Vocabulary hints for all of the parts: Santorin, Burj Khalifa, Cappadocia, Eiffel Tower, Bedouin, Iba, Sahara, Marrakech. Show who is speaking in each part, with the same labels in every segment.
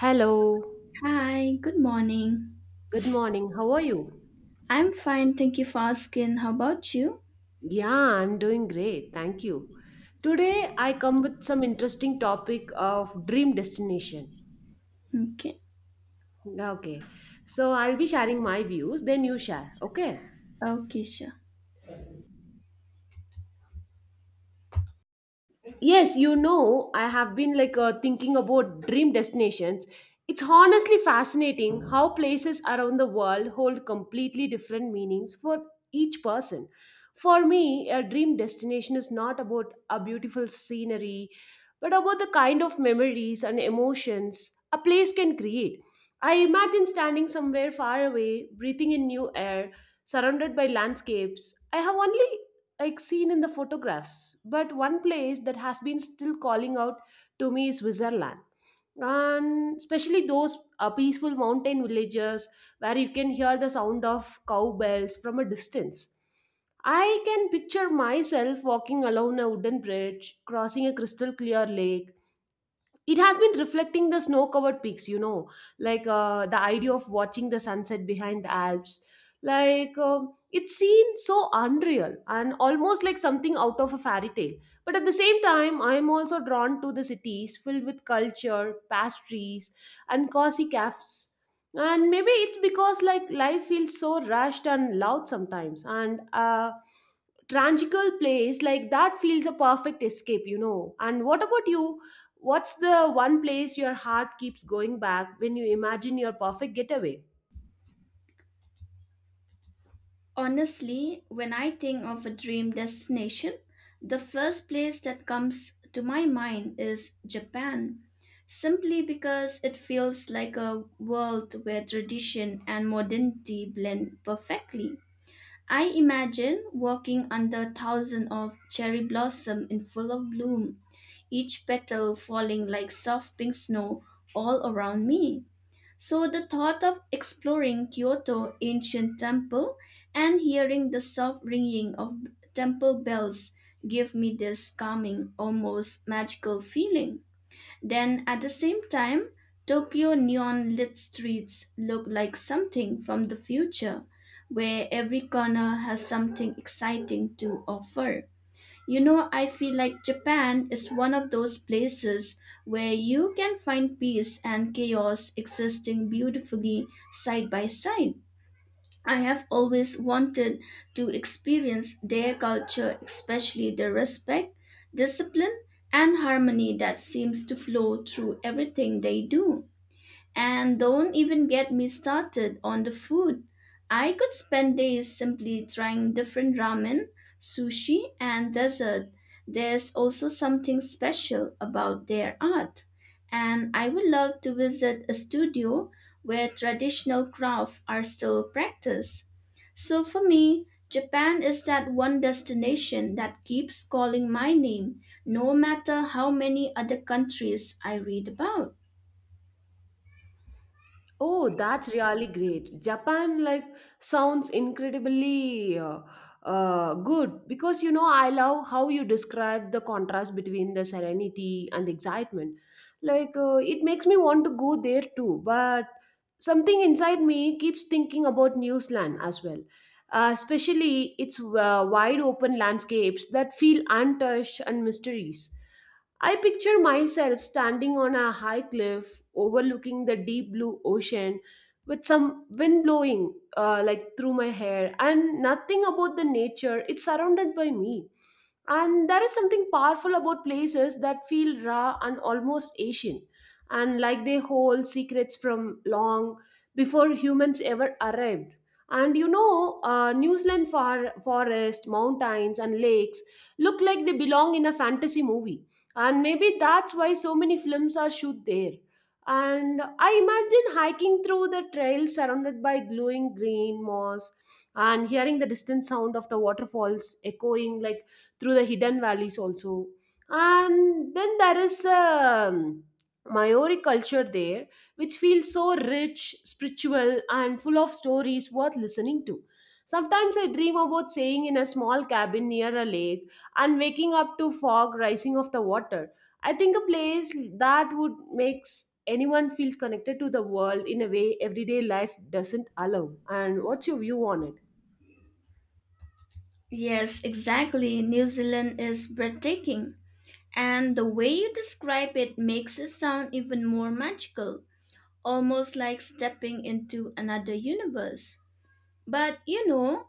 Speaker 1: Hello,
Speaker 2: Hi, good morning.
Speaker 1: good morning. How are you?
Speaker 2: I'm fine, thank you for asking. How about you?
Speaker 1: Yeah, I'm doing great. Thank you. Today I come with some interesting topic of dream destination.
Speaker 2: Okay.
Speaker 1: Okay. So I'll be sharing my views, then you share. Okay.
Speaker 2: Okay, sure.
Speaker 1: Yes, you know, I have been like thinking about dream destinations. It's honestly fascinating how places around the world hold completely different meanings for each person. For me, a dream destination is not about a beautiful scenery, but about the kind of memories and emotions a place can create. I imagine standing somewhere far away, breathing in new air, surrounded by landscapes I have only like seen in the photographs. But one place that has been still calling out to me is Switzerland. And especially those peaceful mountain villages where you can hear the sound of cowbells from a distance. I can picture myself walking along a wooden bridge, crossing a crystal clear lake. It has been reflecting the snow covered peaks, you know, like the idea of watching the sunset behind the Alps, like it seems so unreal and almost like something out of a fairy tale. But at the same time, I am also drawn to the cities filled with culture, pastries, and cozy cafes. And maybe it's because like life feels so rushed and loud sometimes, and tragical place like that feels a perfect escape, you know. And what about you? What's the one place your heart keeps going back when you imagine your perfect getaway?
Speaker 2: Honestly, when I think of a dream destination, the first place that comes to my mind is Japan, simply because it feels like a world where tradition and modernity blend perfectly. I imagine walking under thousands of cherry blossom in full of bloom, each petal falling like soft pink snow all around me. So the thought of exploring Kyoto ancient temple and hearing the soft ringing of temple bells give me this calming, almost magical feeling. Then at the same time, Tokyo neon lit streets look like something from the future, where every corner has something exciting to offer. You know, I feel like Japan is one of those places where you can find peace and chaos existing beautifully side by side. I have always wanted to experience their culture, especially the respect, discipline, and harmony that seems to flow through everything they do. And don't even get me started on the food. I could spend days simply trying different ramen, sushi, and dessert. There's also something special about their art. And I would love to visit a studio where traditional crafts are still practiced. So for me, Japan is that one destination that keeps calling my name, no matter how many other countries I read about.
Speaker 1: Oh, that's really great. Japan like sounds incredibly good because, you know, I love how you describe the contrast between the serenity and the excitement. Like it makes me want to go there too, but something inside me keeps thinking about New Zealand as well. Especially its wide open landscapes that feel untouched and mysteries. I picture myself standing on a high cliff overlooking the deep blue ocean with some wind blowing like through my hair, and nothing about the nature it's surrounded by me. And there is something powerful about places that feel raw and almost asian, and like they hold secrets from long before humans ever arrived. And you know, New Zealand forest mountains and lakes look like they belong in a fantasy movie. And maybe that's why so many films are shoot there. And I imagine hiking through the trail surrounded by glowing green moss and hearing the distant sound of the waterfalls echoing like through the hidden valleys also. And then there is Maori culture there, which feels so rich, spiritual, and full of stories worth listening to. Sometimes I dream about staying in a small cabin near a lake and waking up to fog rising off the water. I think a place that would makes anyone feel connected to the world in a way everyday life doesn't allow. And what's your view on it?
Speaker 2: Yes, exactly. New Zealand is breathtaking. And the way you describe it makes it sound even more magical, almost like stepping into another universe. But you know,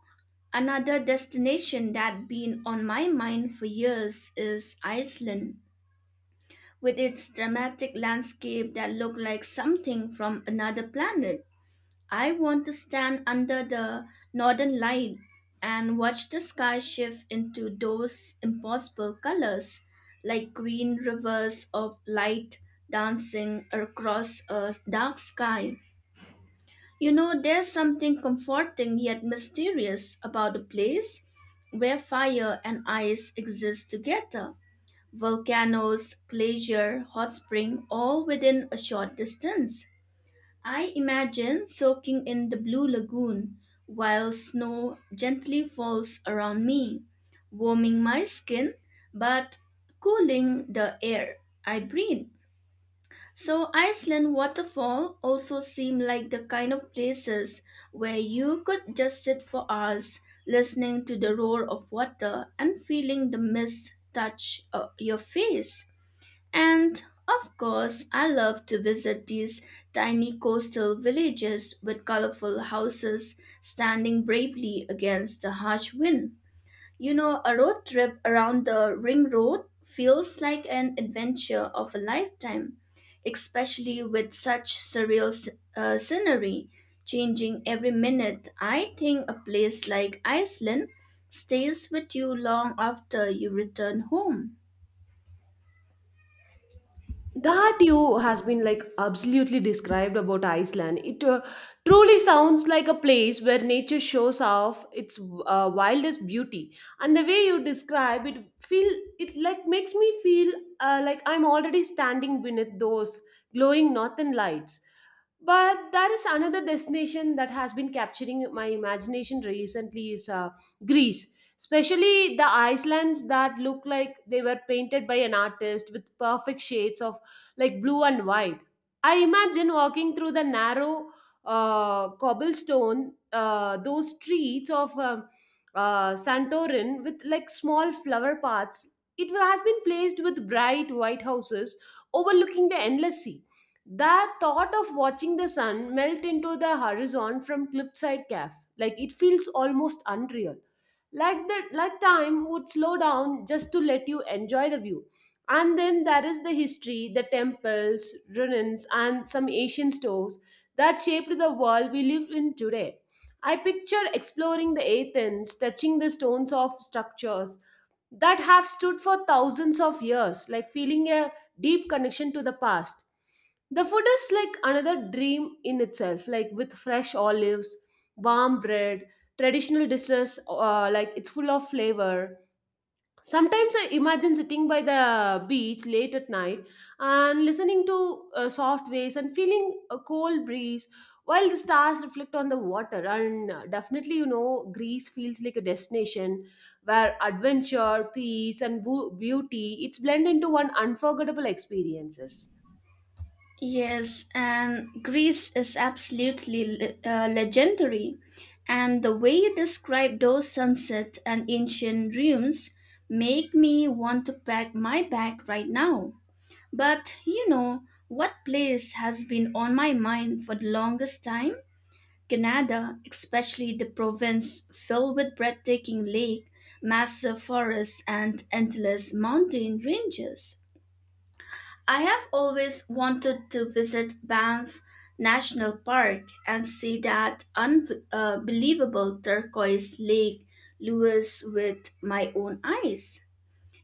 Speaker 2: another destination that been on my mind for years is Iceland, with its dramatic landscape that look like something from another planet. I want to stand under the northern light and watch the sky shift into those impossible colors, like green rivers of light dancing across a dark sky. You know, there's something comforting yet mysterious about a place where fire and ice exist together. Volcanoes, glacier, hot spring, all within a short distance. I imagine soaking in the blue lagoon while snow gently falls around me, warming my skin but cooling the air I breathe. So Iceland waterfall also seem like the kind of places where you could just sit for hours listening to the roar of water and feeling the mist touch your face. And of course, I love to visit these tiny coastal villages with colorful houses standing bravely against the harsh wind. You know, a road trip around the Ring Road feels like an adventure of a lifetime, especially with such surreal scenery changing every minute. I think a place like Iceland stays with you long after you return home.
Speaker 1: That you has been like absolutely described about Iceland. It truly sounds like a place where nature shows off its wildest beauty, and the way you describe it feel it like makes me feel like I'm already standing beneath those glowing northern lights. But there is another destination that has been capturing my imagination recently is Greece, especially the islands that look like they were painted by an artist with perfect shades of like blue and white. I imagine walking through the narrow cobblestone, those streets of Santorin with like small flower paths. It has been placed with bright white houses overlooking the endless sea. That thought of watching the sun melt into the horizon from cliffside cave, like it feels almost unreal. Like that, like time would slow down just to let you enjoy the view. And then there is the history, the temples, ruins, and some Asian stores that shaped the world we live in today. I picture exploring the Athens, touching the stones of structures that have stood for thousands of years, like feeling a deep connection to the past. The food is like another dream in itself, like with fresh olives, warm bread, traditional dishes, like it's full of flavor. Sometimes I imagine sitting by the beach late at night and listening to soft waves and feeling a cold breeze while the stars reflect on the water. And definitely, you know, Greece feels like a destination where adventure, peace, and beauty it's blend into one unforgettable experiences.
Speaker 2: Yes, and Greece is absolutely legendary. And the way you describe those sunsets and ancient ruins make me want to pack my bag right now. But you know, what place has been on my mind for the longest time? Canada, especially the province filled with breathtaking lake, massive forests and endless mountain ranges. I have always wanted to visit Banff National Park and see that unbelievable turquoise lake Lewis with my own eyes.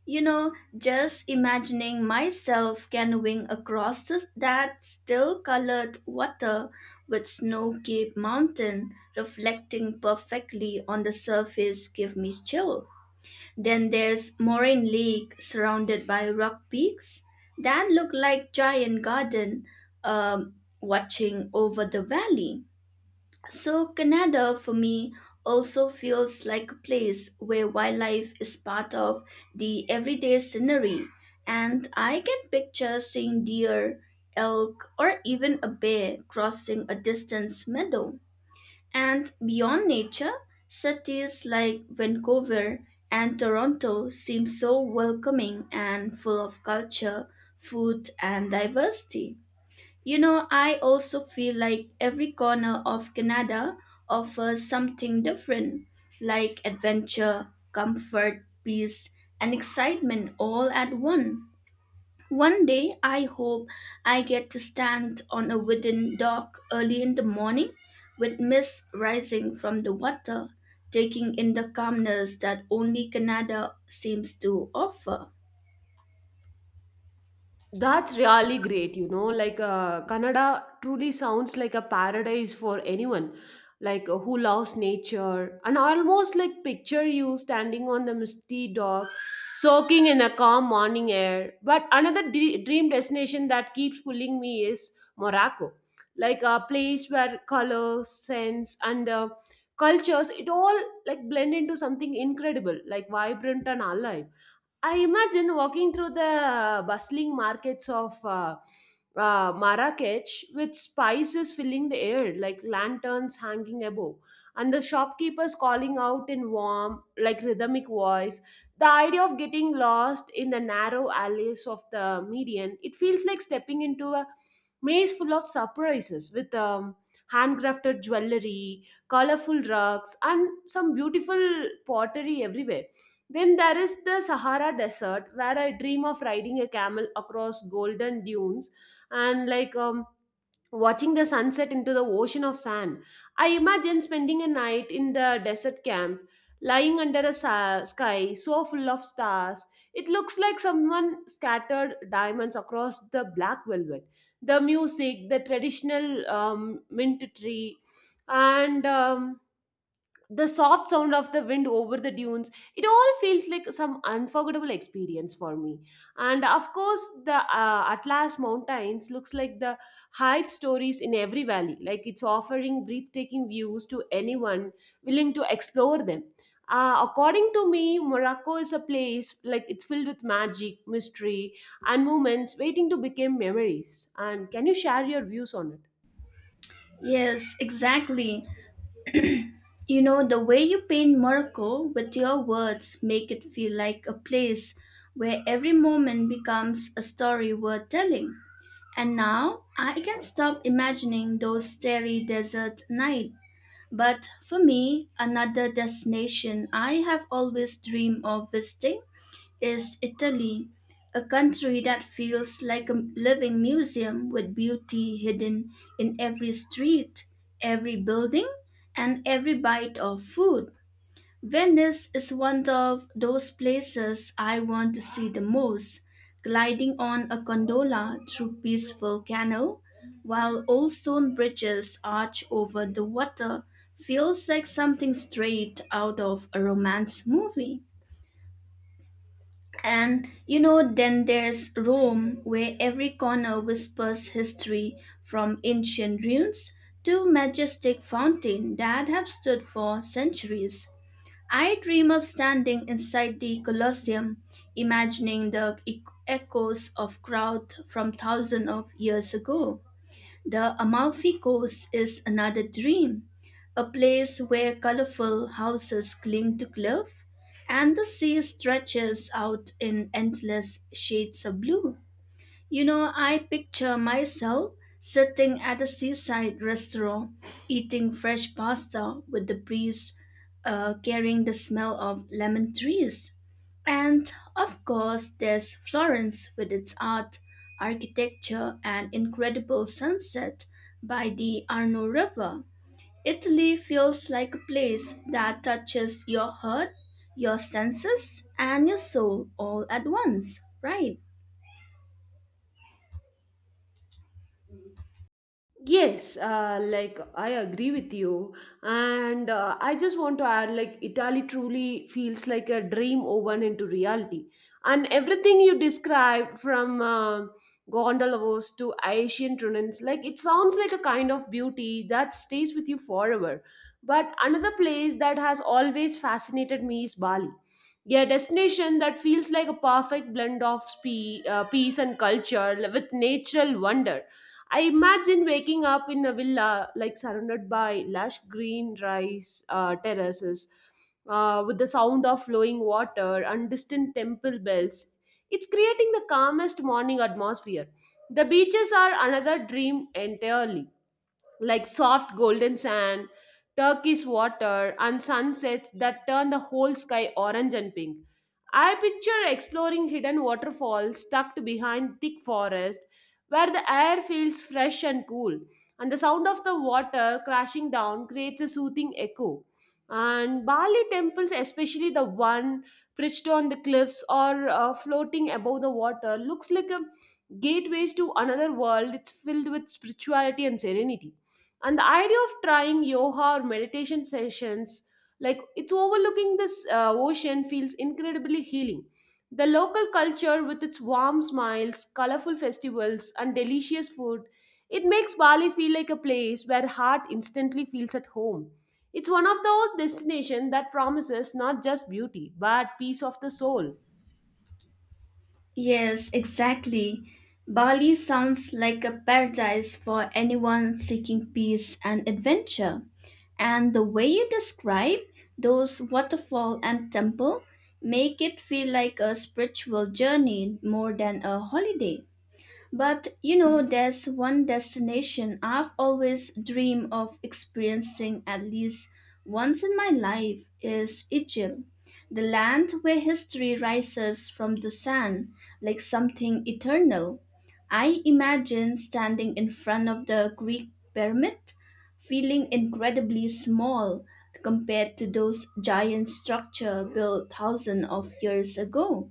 Speaker 2: You know, just imagining myself canoeing across that still colored water with snow capped mountain reflecting perfectly on the surface give me chills. Then there's Moraine Lake, surrounded by rock peaks that look like giant garden watching over the valley. So Canada for me also feels like a place where wildlife is part of the everyday scenery, and I can picture seeing deer, elk, or even a bear crossing a distant meadow. And beyond nature, cities like Vancouver and Toronto seem so welcoming and full of culture, food, and diversity. You know, I also feel like every corner of Canada offers something different, like adventure, comfort, peace, and excitement all at once. One day, I hope I get to stand on a wooden dock early in the morning with mist rising from the water, taking in the calmness that only Canada seems to offer.
Speaker 1: That's really great, you know. Like, Canada truly sounds like a paradise for anyone, like who loves nature. And I almost like picture you standing on the misty dock, soaking in the calm morning air. But another dream destination that keeps pulling me is Morocco, like a place where color, sense, and cultures it all like blend into something incredible, like vibrant and alive. I imagine walking through the bustling markets of Marrakech with spices filling the air, like lanterns hanging above, and the shopkeepers calling out in warm, like rhythmic voice. The idea of getting lost in the narrow alleys of the median, it feels like stepping into a maze full of surprises with handcrafted jewelry, colorful rugs, and some beautiful pottery everywhere. Then there is the Sahara Desert, where I dream of riding a camel across golden dunes and like watching the sunset into the ocean of sand. I imagine spending a night in the desert camp, lying under a sky so full of stars. It looks like someone scattered diamonds across the black velvet. The music, the traditional mint tree, and the soft sound of the wind over the dunes, it all feels like some unforgettable experience for me. And of course the Atlas Mountains looks like the height stories in every valley, like it's offering breathtaking views to anyone willing to explore them. According to me, Morocco is a place like it's filled with magic, mystery, and moments waiting to become memories. And can you share your views on it?
Speaker 2: Yes, exactly. You know, the way you paint Morocco with your words make it feel like a place where every moment becomes a story worth telling. And now I can stop imagining those starry desert nights. But for me, another destination I have always dreamed of visiting is Italy, a country that feels like a living museum with beauty hidden in every street, every building, and every bite of food. Venice is one of those places I want to see the most, gliding on a gondola through peaceful canal, while old stone bridges arch over the water, feels like something straight out of a romance movie. And you know, then there's Rome, where every corner whispers history from ancient ruins to majestic fountains that have stood for centuries. I dream of standing inside the Colosseum, imagining the echoes of crowd from thousands of years ago. The Amalfi Coast is another dream, a place where colorful houses cling to cliff and the sea stretches out in endless shades of blue. You know, I picture myself sitting at a seaside restaurant, eating fresh pasta with the breeze, carrying the smell of lemon trees. And of course, there's Florence with its art, architecture, and incredible sunset by the Arno River. Italy feels like a place that touches your heart, your senses, and your soul all at once, right?
Speaker 1: Yes, like I agree with you, and I just want to add like Italy truly feels like a dream woven into reality, and everything you described from gondolas to Asian turnins, like it sounds like a kind of beauty that stays with you forever. But another place that has always fascinated me is Bali, a destination that feels like a perfect blend of peace and culture with natural wonder. I imagine waking up in a villa, like surrounded by lush green rice terraces, with the sound of flowing water and distant temple bells. It's creating the calmest morning atmosphere. The beaches are another dream entirely, like soft golden sand, turquoise water, and sunsets that turn the whole sky orange and pink. I picture exploring hidden waterfalls tucked behind thick forest where the air feels fresh and cool, and the sound of the water crashing down creates a soothing echo. And Bali temples, especially the one perched on the cliffs or floating above the water, looks like a gateways to another world. It's filled with spirituality and serenity, and the idea of trying yoga or meditation sessions like it's overlooking this ocean feels incredibly healing. The local culture, with its warm smiles, colorful festivals, and delicious food, it makes Bali feel like a place where heart instantly feels at home. It's one of those destinations that promises not just beauty but peace of the soul.
Speaker 2: Yes, exactly. Bali sounds like a paradise for anyone seeking peace and adventure. And the way you describe those waterfall and temple make it feel like a spiritual journey more than a holiday. But you know, there's one destination I've always dreamed of experiencing at least once in my life is Egypt, the land where history rises from the sand like something eternal. I imagine standing in front of the Greek pyramid, feeling incredibly small compared to those giant structures built thousands of years ago.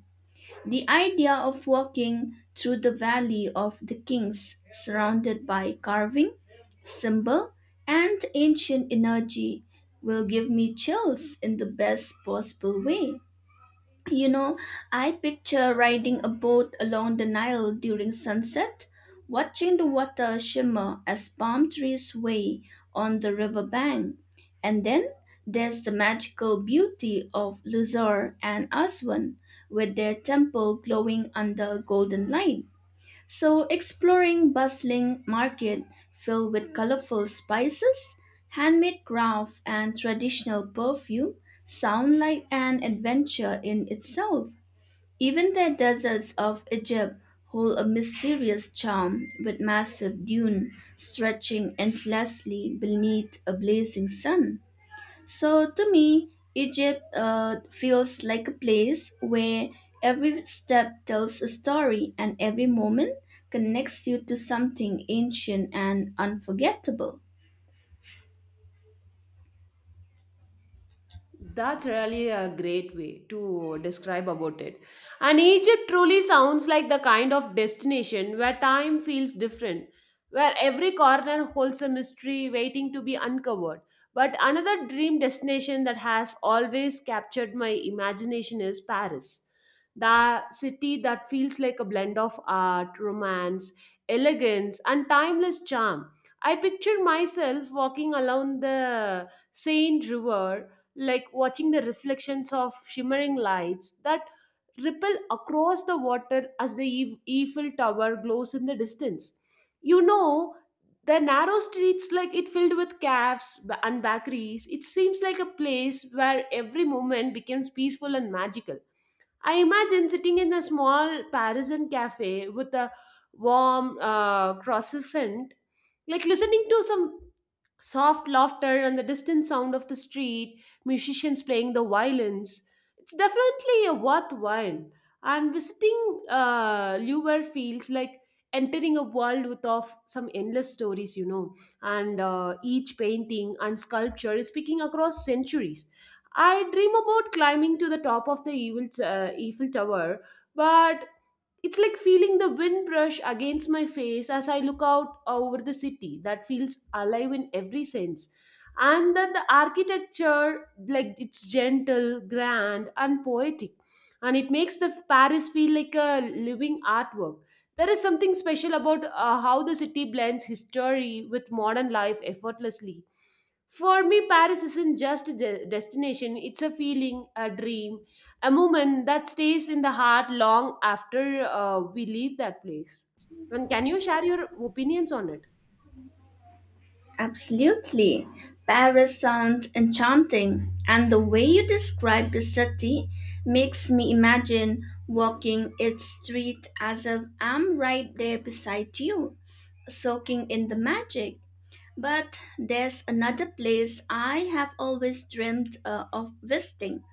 Speaker 2: The idea of walking through the Valley of the Kings, surrounded by carving, symbol, and ancient energy, will give me chills in the best possible way. You know, I picture riding a boat along the Nile during sunset, watching the water shimmer as palm trees sway on the riverbank. And then there's the magical beauty of Luxor and Aswan, with their temple glowing under golden light. So, exploring bustling market filled with colorful spices, handmade craft, and traditional perfume sound like an adventure in itself. Even the deserts of Egypt hold a mysterious charm with massive dune stretching endlessly beneath a blazing sun. So to me, Egypt feels like a place where every step tells a story and every moment connects you to something ancient and unforgettable.
Speaker 1: That's really a great way to describe about it. And Egypt truly sounds like the kind of destination where time feels different, where every corner holds a mystery waiting to be uncovered. But another dream destination that has always captured my imagination is Paris. The city that feels like a blend of art, romance, elegance, and timeless charm. I picture myself walking along the Seine River, like watching the reflections of shimmering lights that ripple across the water as the Eiffel Tower glows in the distance. You know, the narrow streets, like it filled with cafes and bakeries, it seems like a place where every moment becomes peaceful and magical. I imagine sitting in a small Parisian cafe with a warm croissant, like listening to some soft laughter and the distant sound of the street, musicians playing the violins. It's definitely a worthwhile. And visiting Louvre feels like entering a world with of some endless stories, you know, and each painting and sculpture is speaking across centuries. I dream about climbing to the top of the Eiffel Tower, but it's like feeling the wind brush against my face as I look out over the city that feels alive in every sense. And then the architecture, like it's gentle, grand, and poetic. And it makes the Paris feel like a living artwork. There is something special about how the city blends history with modern life effortlessly. For me, Paris isn't just a destination, it's a feeling, a dream, a moment that stays in the heart long after we leave that place. And can you share your opinions on it?
Speaker 2: Absolutely. Paris sounds enchanting, and the way you describe the city makes me imagine walking its street as if I'm right there beside you, soaking in the magic. But there's another place I have always dreamed of visiting.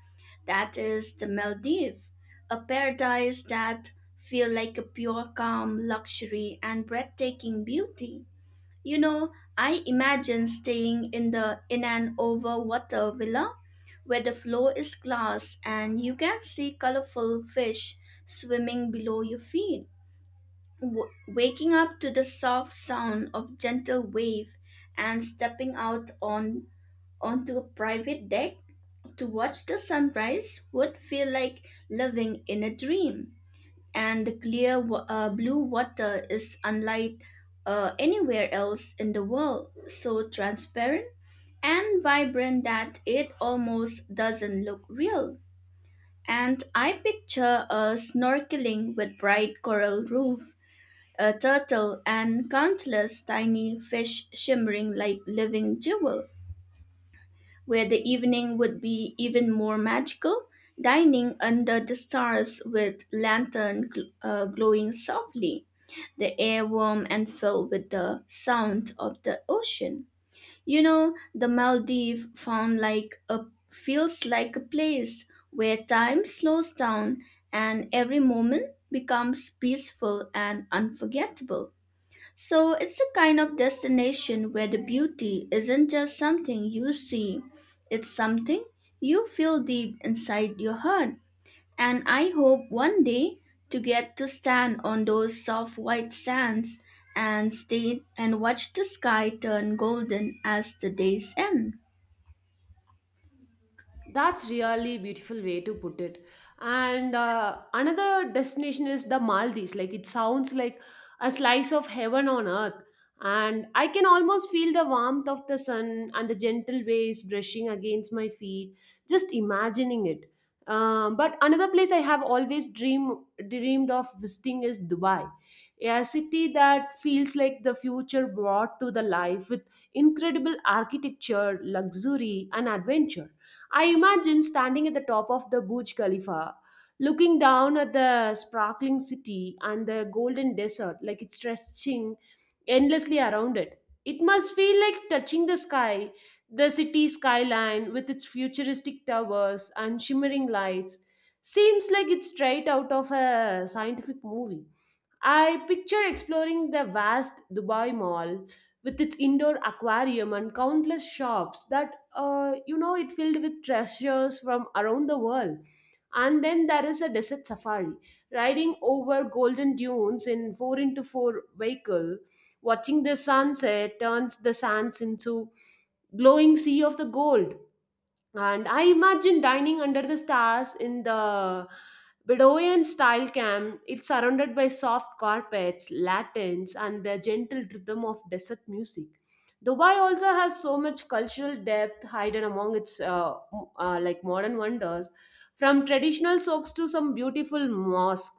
Speaker 2: That is the Maldives, a paradise that feels like a pure calm, luxury and breathtaking beauty. You know, I imagine staying in an over water villa where the floor is glass and you can see colorful fish swimming below your feet. Waking up to the soft sound of gentle wave and stepping out on onto a private deck to watch the sunrise would feel like living in a dream, and the clear blue water is unlike anywhere else in the world, so transparent and vibrant that it almost doesn't look real. And I picture a snorkeling with bright coral reef, a turtle, and countless tiny fish shimmering like living jewel, where the evening would be even more magical, dining under the stars with lantern glowing softly, the air warm and filled with the sound of the ocean. You know, the Maldives found like a feels like a place where time slows down and every moment becomes peaceful and unforgettable. So it's a kind of destination where the beauty isn't just something you see, it's something you feel deep inside your heart. And I hope one day to get to stand on those soft white sands and stay and watch the sky turn golden as the days end.
Speaker 1: That's really beautiful way to put it. And another destination is the Maldives. Like it sounds like a slice of heaven on earth. And I can almost feel the warmth of the sun and the gentle waves brushing against my feet, just imagining it. But another place I have always dreamed of visiting is Dubai, a city that feels like the future brought to the life with incredible architecture, luxury, and adventure. I imagine standing at the top of the Burj Khalifa, looking down at the sparkling city and the golden desert, like it's stretching endlessly around it. It must feel like touching the sky, the city skyline with its futuristic towers and shimmering lights. Seems like it's straight out of a scientific movie. I picture exploring the vast Dubai Mall with its indoor aquarium and countless shops that, it filled with treasures from around the world. And then there is a desert safari, riding over golden dunes in 4x4 vehicle, watching the sunset turns the sands into glowing sea of the gold, and I imagine dining under the stars in the Bedouin style camp. It's surrounded by soft carpets, lanterns, and the gentle rhythm of desert music. Dubai also has so much cultural depth hidden among its like modern wonders, from traditional soaks to some beautiful mosques.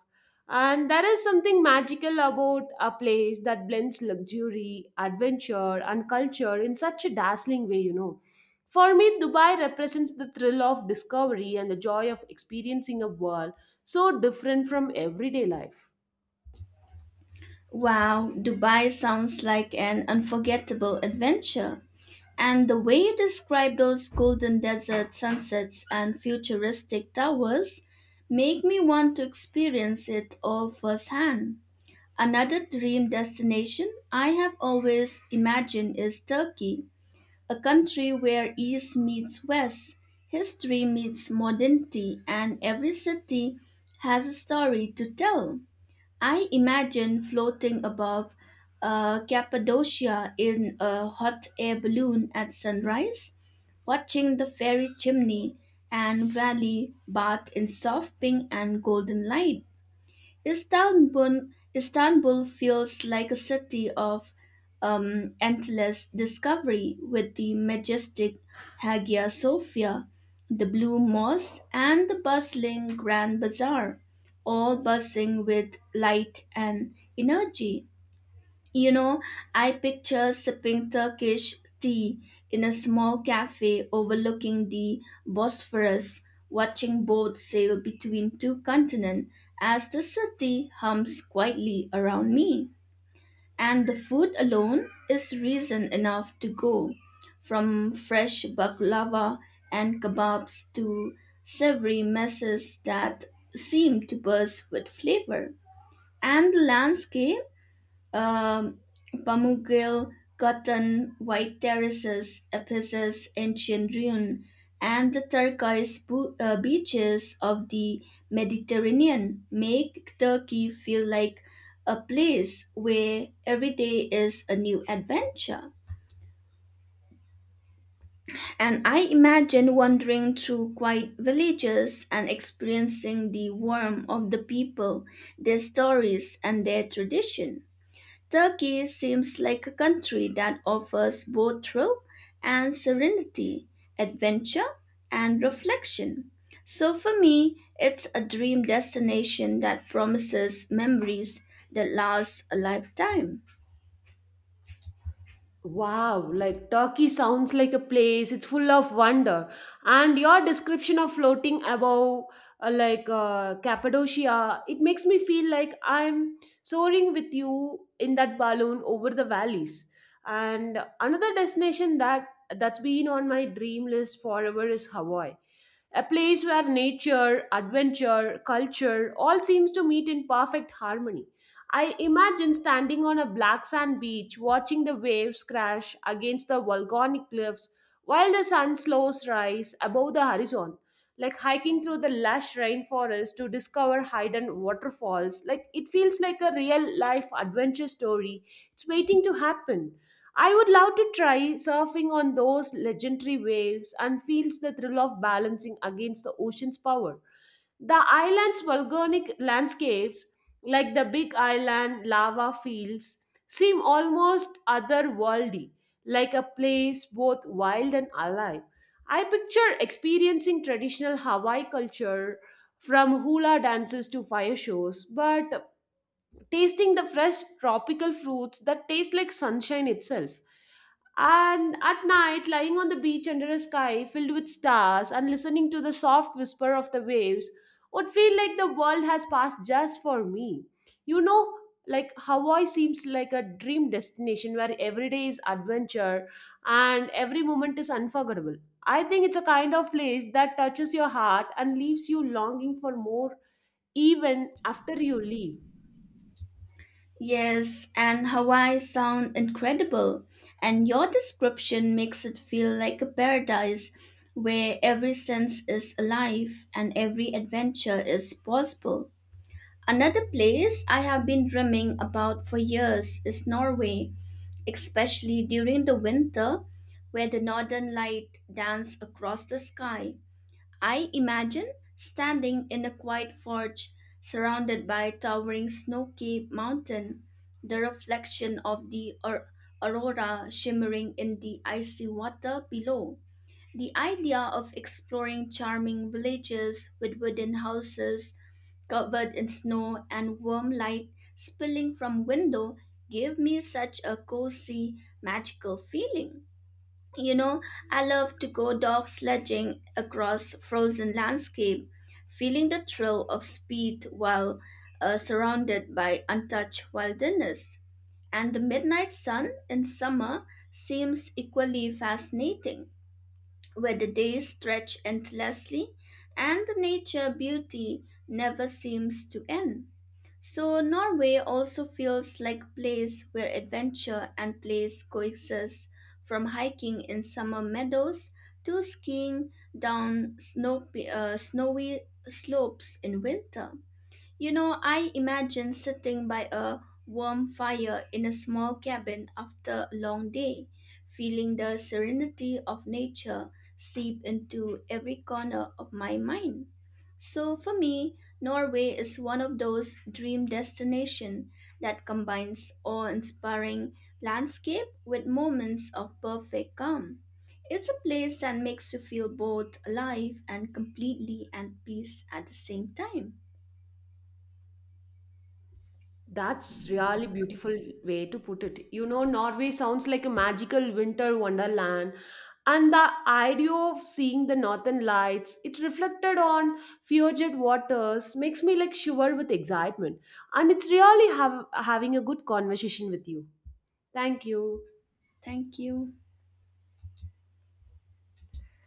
Speaker 1: And there is something magical about a place that blends luxury, adventure, and culture in such a dazzling way, you know, for me, Dubai represents the thrill of discovery and the joy of experiencing a world so different from everyday life.
Speaker 2: Wow, Dubai sounds like an unforgettable adventure. And the way you describe those golden desert sunsets and futuristic towers make me want to experience it all firsthand. Another dream destination I have always imagined is Turkey, a country where East meets West, history meets modernity, and every city has a story to tell. I imagine floating above Cappadocia in a hot air balloon at sunrise, watching the fairy chimney and valley bathed in soft pink and golden light. Istanbul feels like a city of endless discovery with the majestic Hagia Sophia, the Blue Mosque, and the bustling Grand Bazaar, all buzzing with light and energy. You know, I picture sipping Turkish tea in a small cafe overlooking the Bosphorus, watching boats sail between two continents as the city hums quietly around me. And the food alone is reason enough to go, from fresh baklava and kebabs to savory messes that seem to burst with flavor. And the landscape um, Pamukkil, Cotton, White Terraces, Ephesus, Ancient Ruin, and the turquoise beaches of the Mediterranean make Turkey feel like a place where every day is a new adventure. And I imagine wandering through quiet villages and experiencing the warmth of the people, their stories, and their tradition. Turkey seems like a country that offers both thrill and serenity, adventure and reflection. So for me, it's a dream destination that promises memories that last a lifetime.
Speaker 1: Wow, like Turkey sounds like a place, it's full of wonder. And your description of floating above, Cappadocia, it makes me feel like I'm soaring with you in that balloon over the valleys. And another destination that's been on my dream list forever is Hawaii, a place where nature, adventure, culture all seems to meet in perfect harmony. I imagine standing on a black sand beach watching the waves crash against the volcanic cliffs while the sun slows rise above the horizon, like hiking through the lush rainforest to discover hidden waterfalls. Like it feels like a real life adventure story. It's waiting to happen. I would love to try surfing on those legendary waves and feels the thrill of balancing against the ocean's power. The island's volcanic landscapes, like the Big Island lava fields, seem almost otherworldly, like a place both wild and alive. I picture experiencing traditional Hawaii culture from hula dances to fire shows, but tasting the fresh tropical fruits that taste like sunshine itself. And at night, lying on the beach under a sky filled with stars and listening to the soft whisper of the waves would feel like the world has passed just for me. You know, like Hawaii seems like a dream destination where every day is adventure and every moment is unforgettable. I think it's a kind of place that touches your heart and leaves you longing for more even after you leave.
Speaker 2: Yes, and Hawaii sound incredible, and your description makes it feel like a paradise where every sense is alive and every adventure is possible. Another place I have been dreaming about for years is Norway, especially during the winter where the northern light dance across the sky. I imagine standing in a quiet forge surrounded by towering snow-capped mountain, the reflection of the aurora shimmering in the icy water below. The idea of exploring charming villages with wooden houses covered in snow and warm light spilling from window gave me such a cozy, magical feeling. You know, I love to go dog sledging across frozen landscape, feeling the thrill of speed while surrounded by untouched wilderness. And the midnight sun in summer seems equally fascinating where the days stretch endlessly and the nature beauty never seems to end. So, Norway also feels like a place where adventure and place coexist, from hiking in summer meadows to skiing down snowy slopes in winter. You know, I imagine sitting by a warm fire in a small cabin after a long day, feeling the serenity of nature seep into every corner of my mind. So for me, Norway is one of those dream destinations that combines awe-inspiring landscape with moments of perfect calm. It's a place that makes you feel both alive and completely at peace at the same time.
Speaker 1: That's really beautiful way to put it. You know, Norway sounds like a magical winter wonderland. And the idea of seeing the northern lights, it reflected on fjord waters, makes me like shiver with excitement. And it's really having a good conversation with you. Thank you.
Speaker 2: Thank you.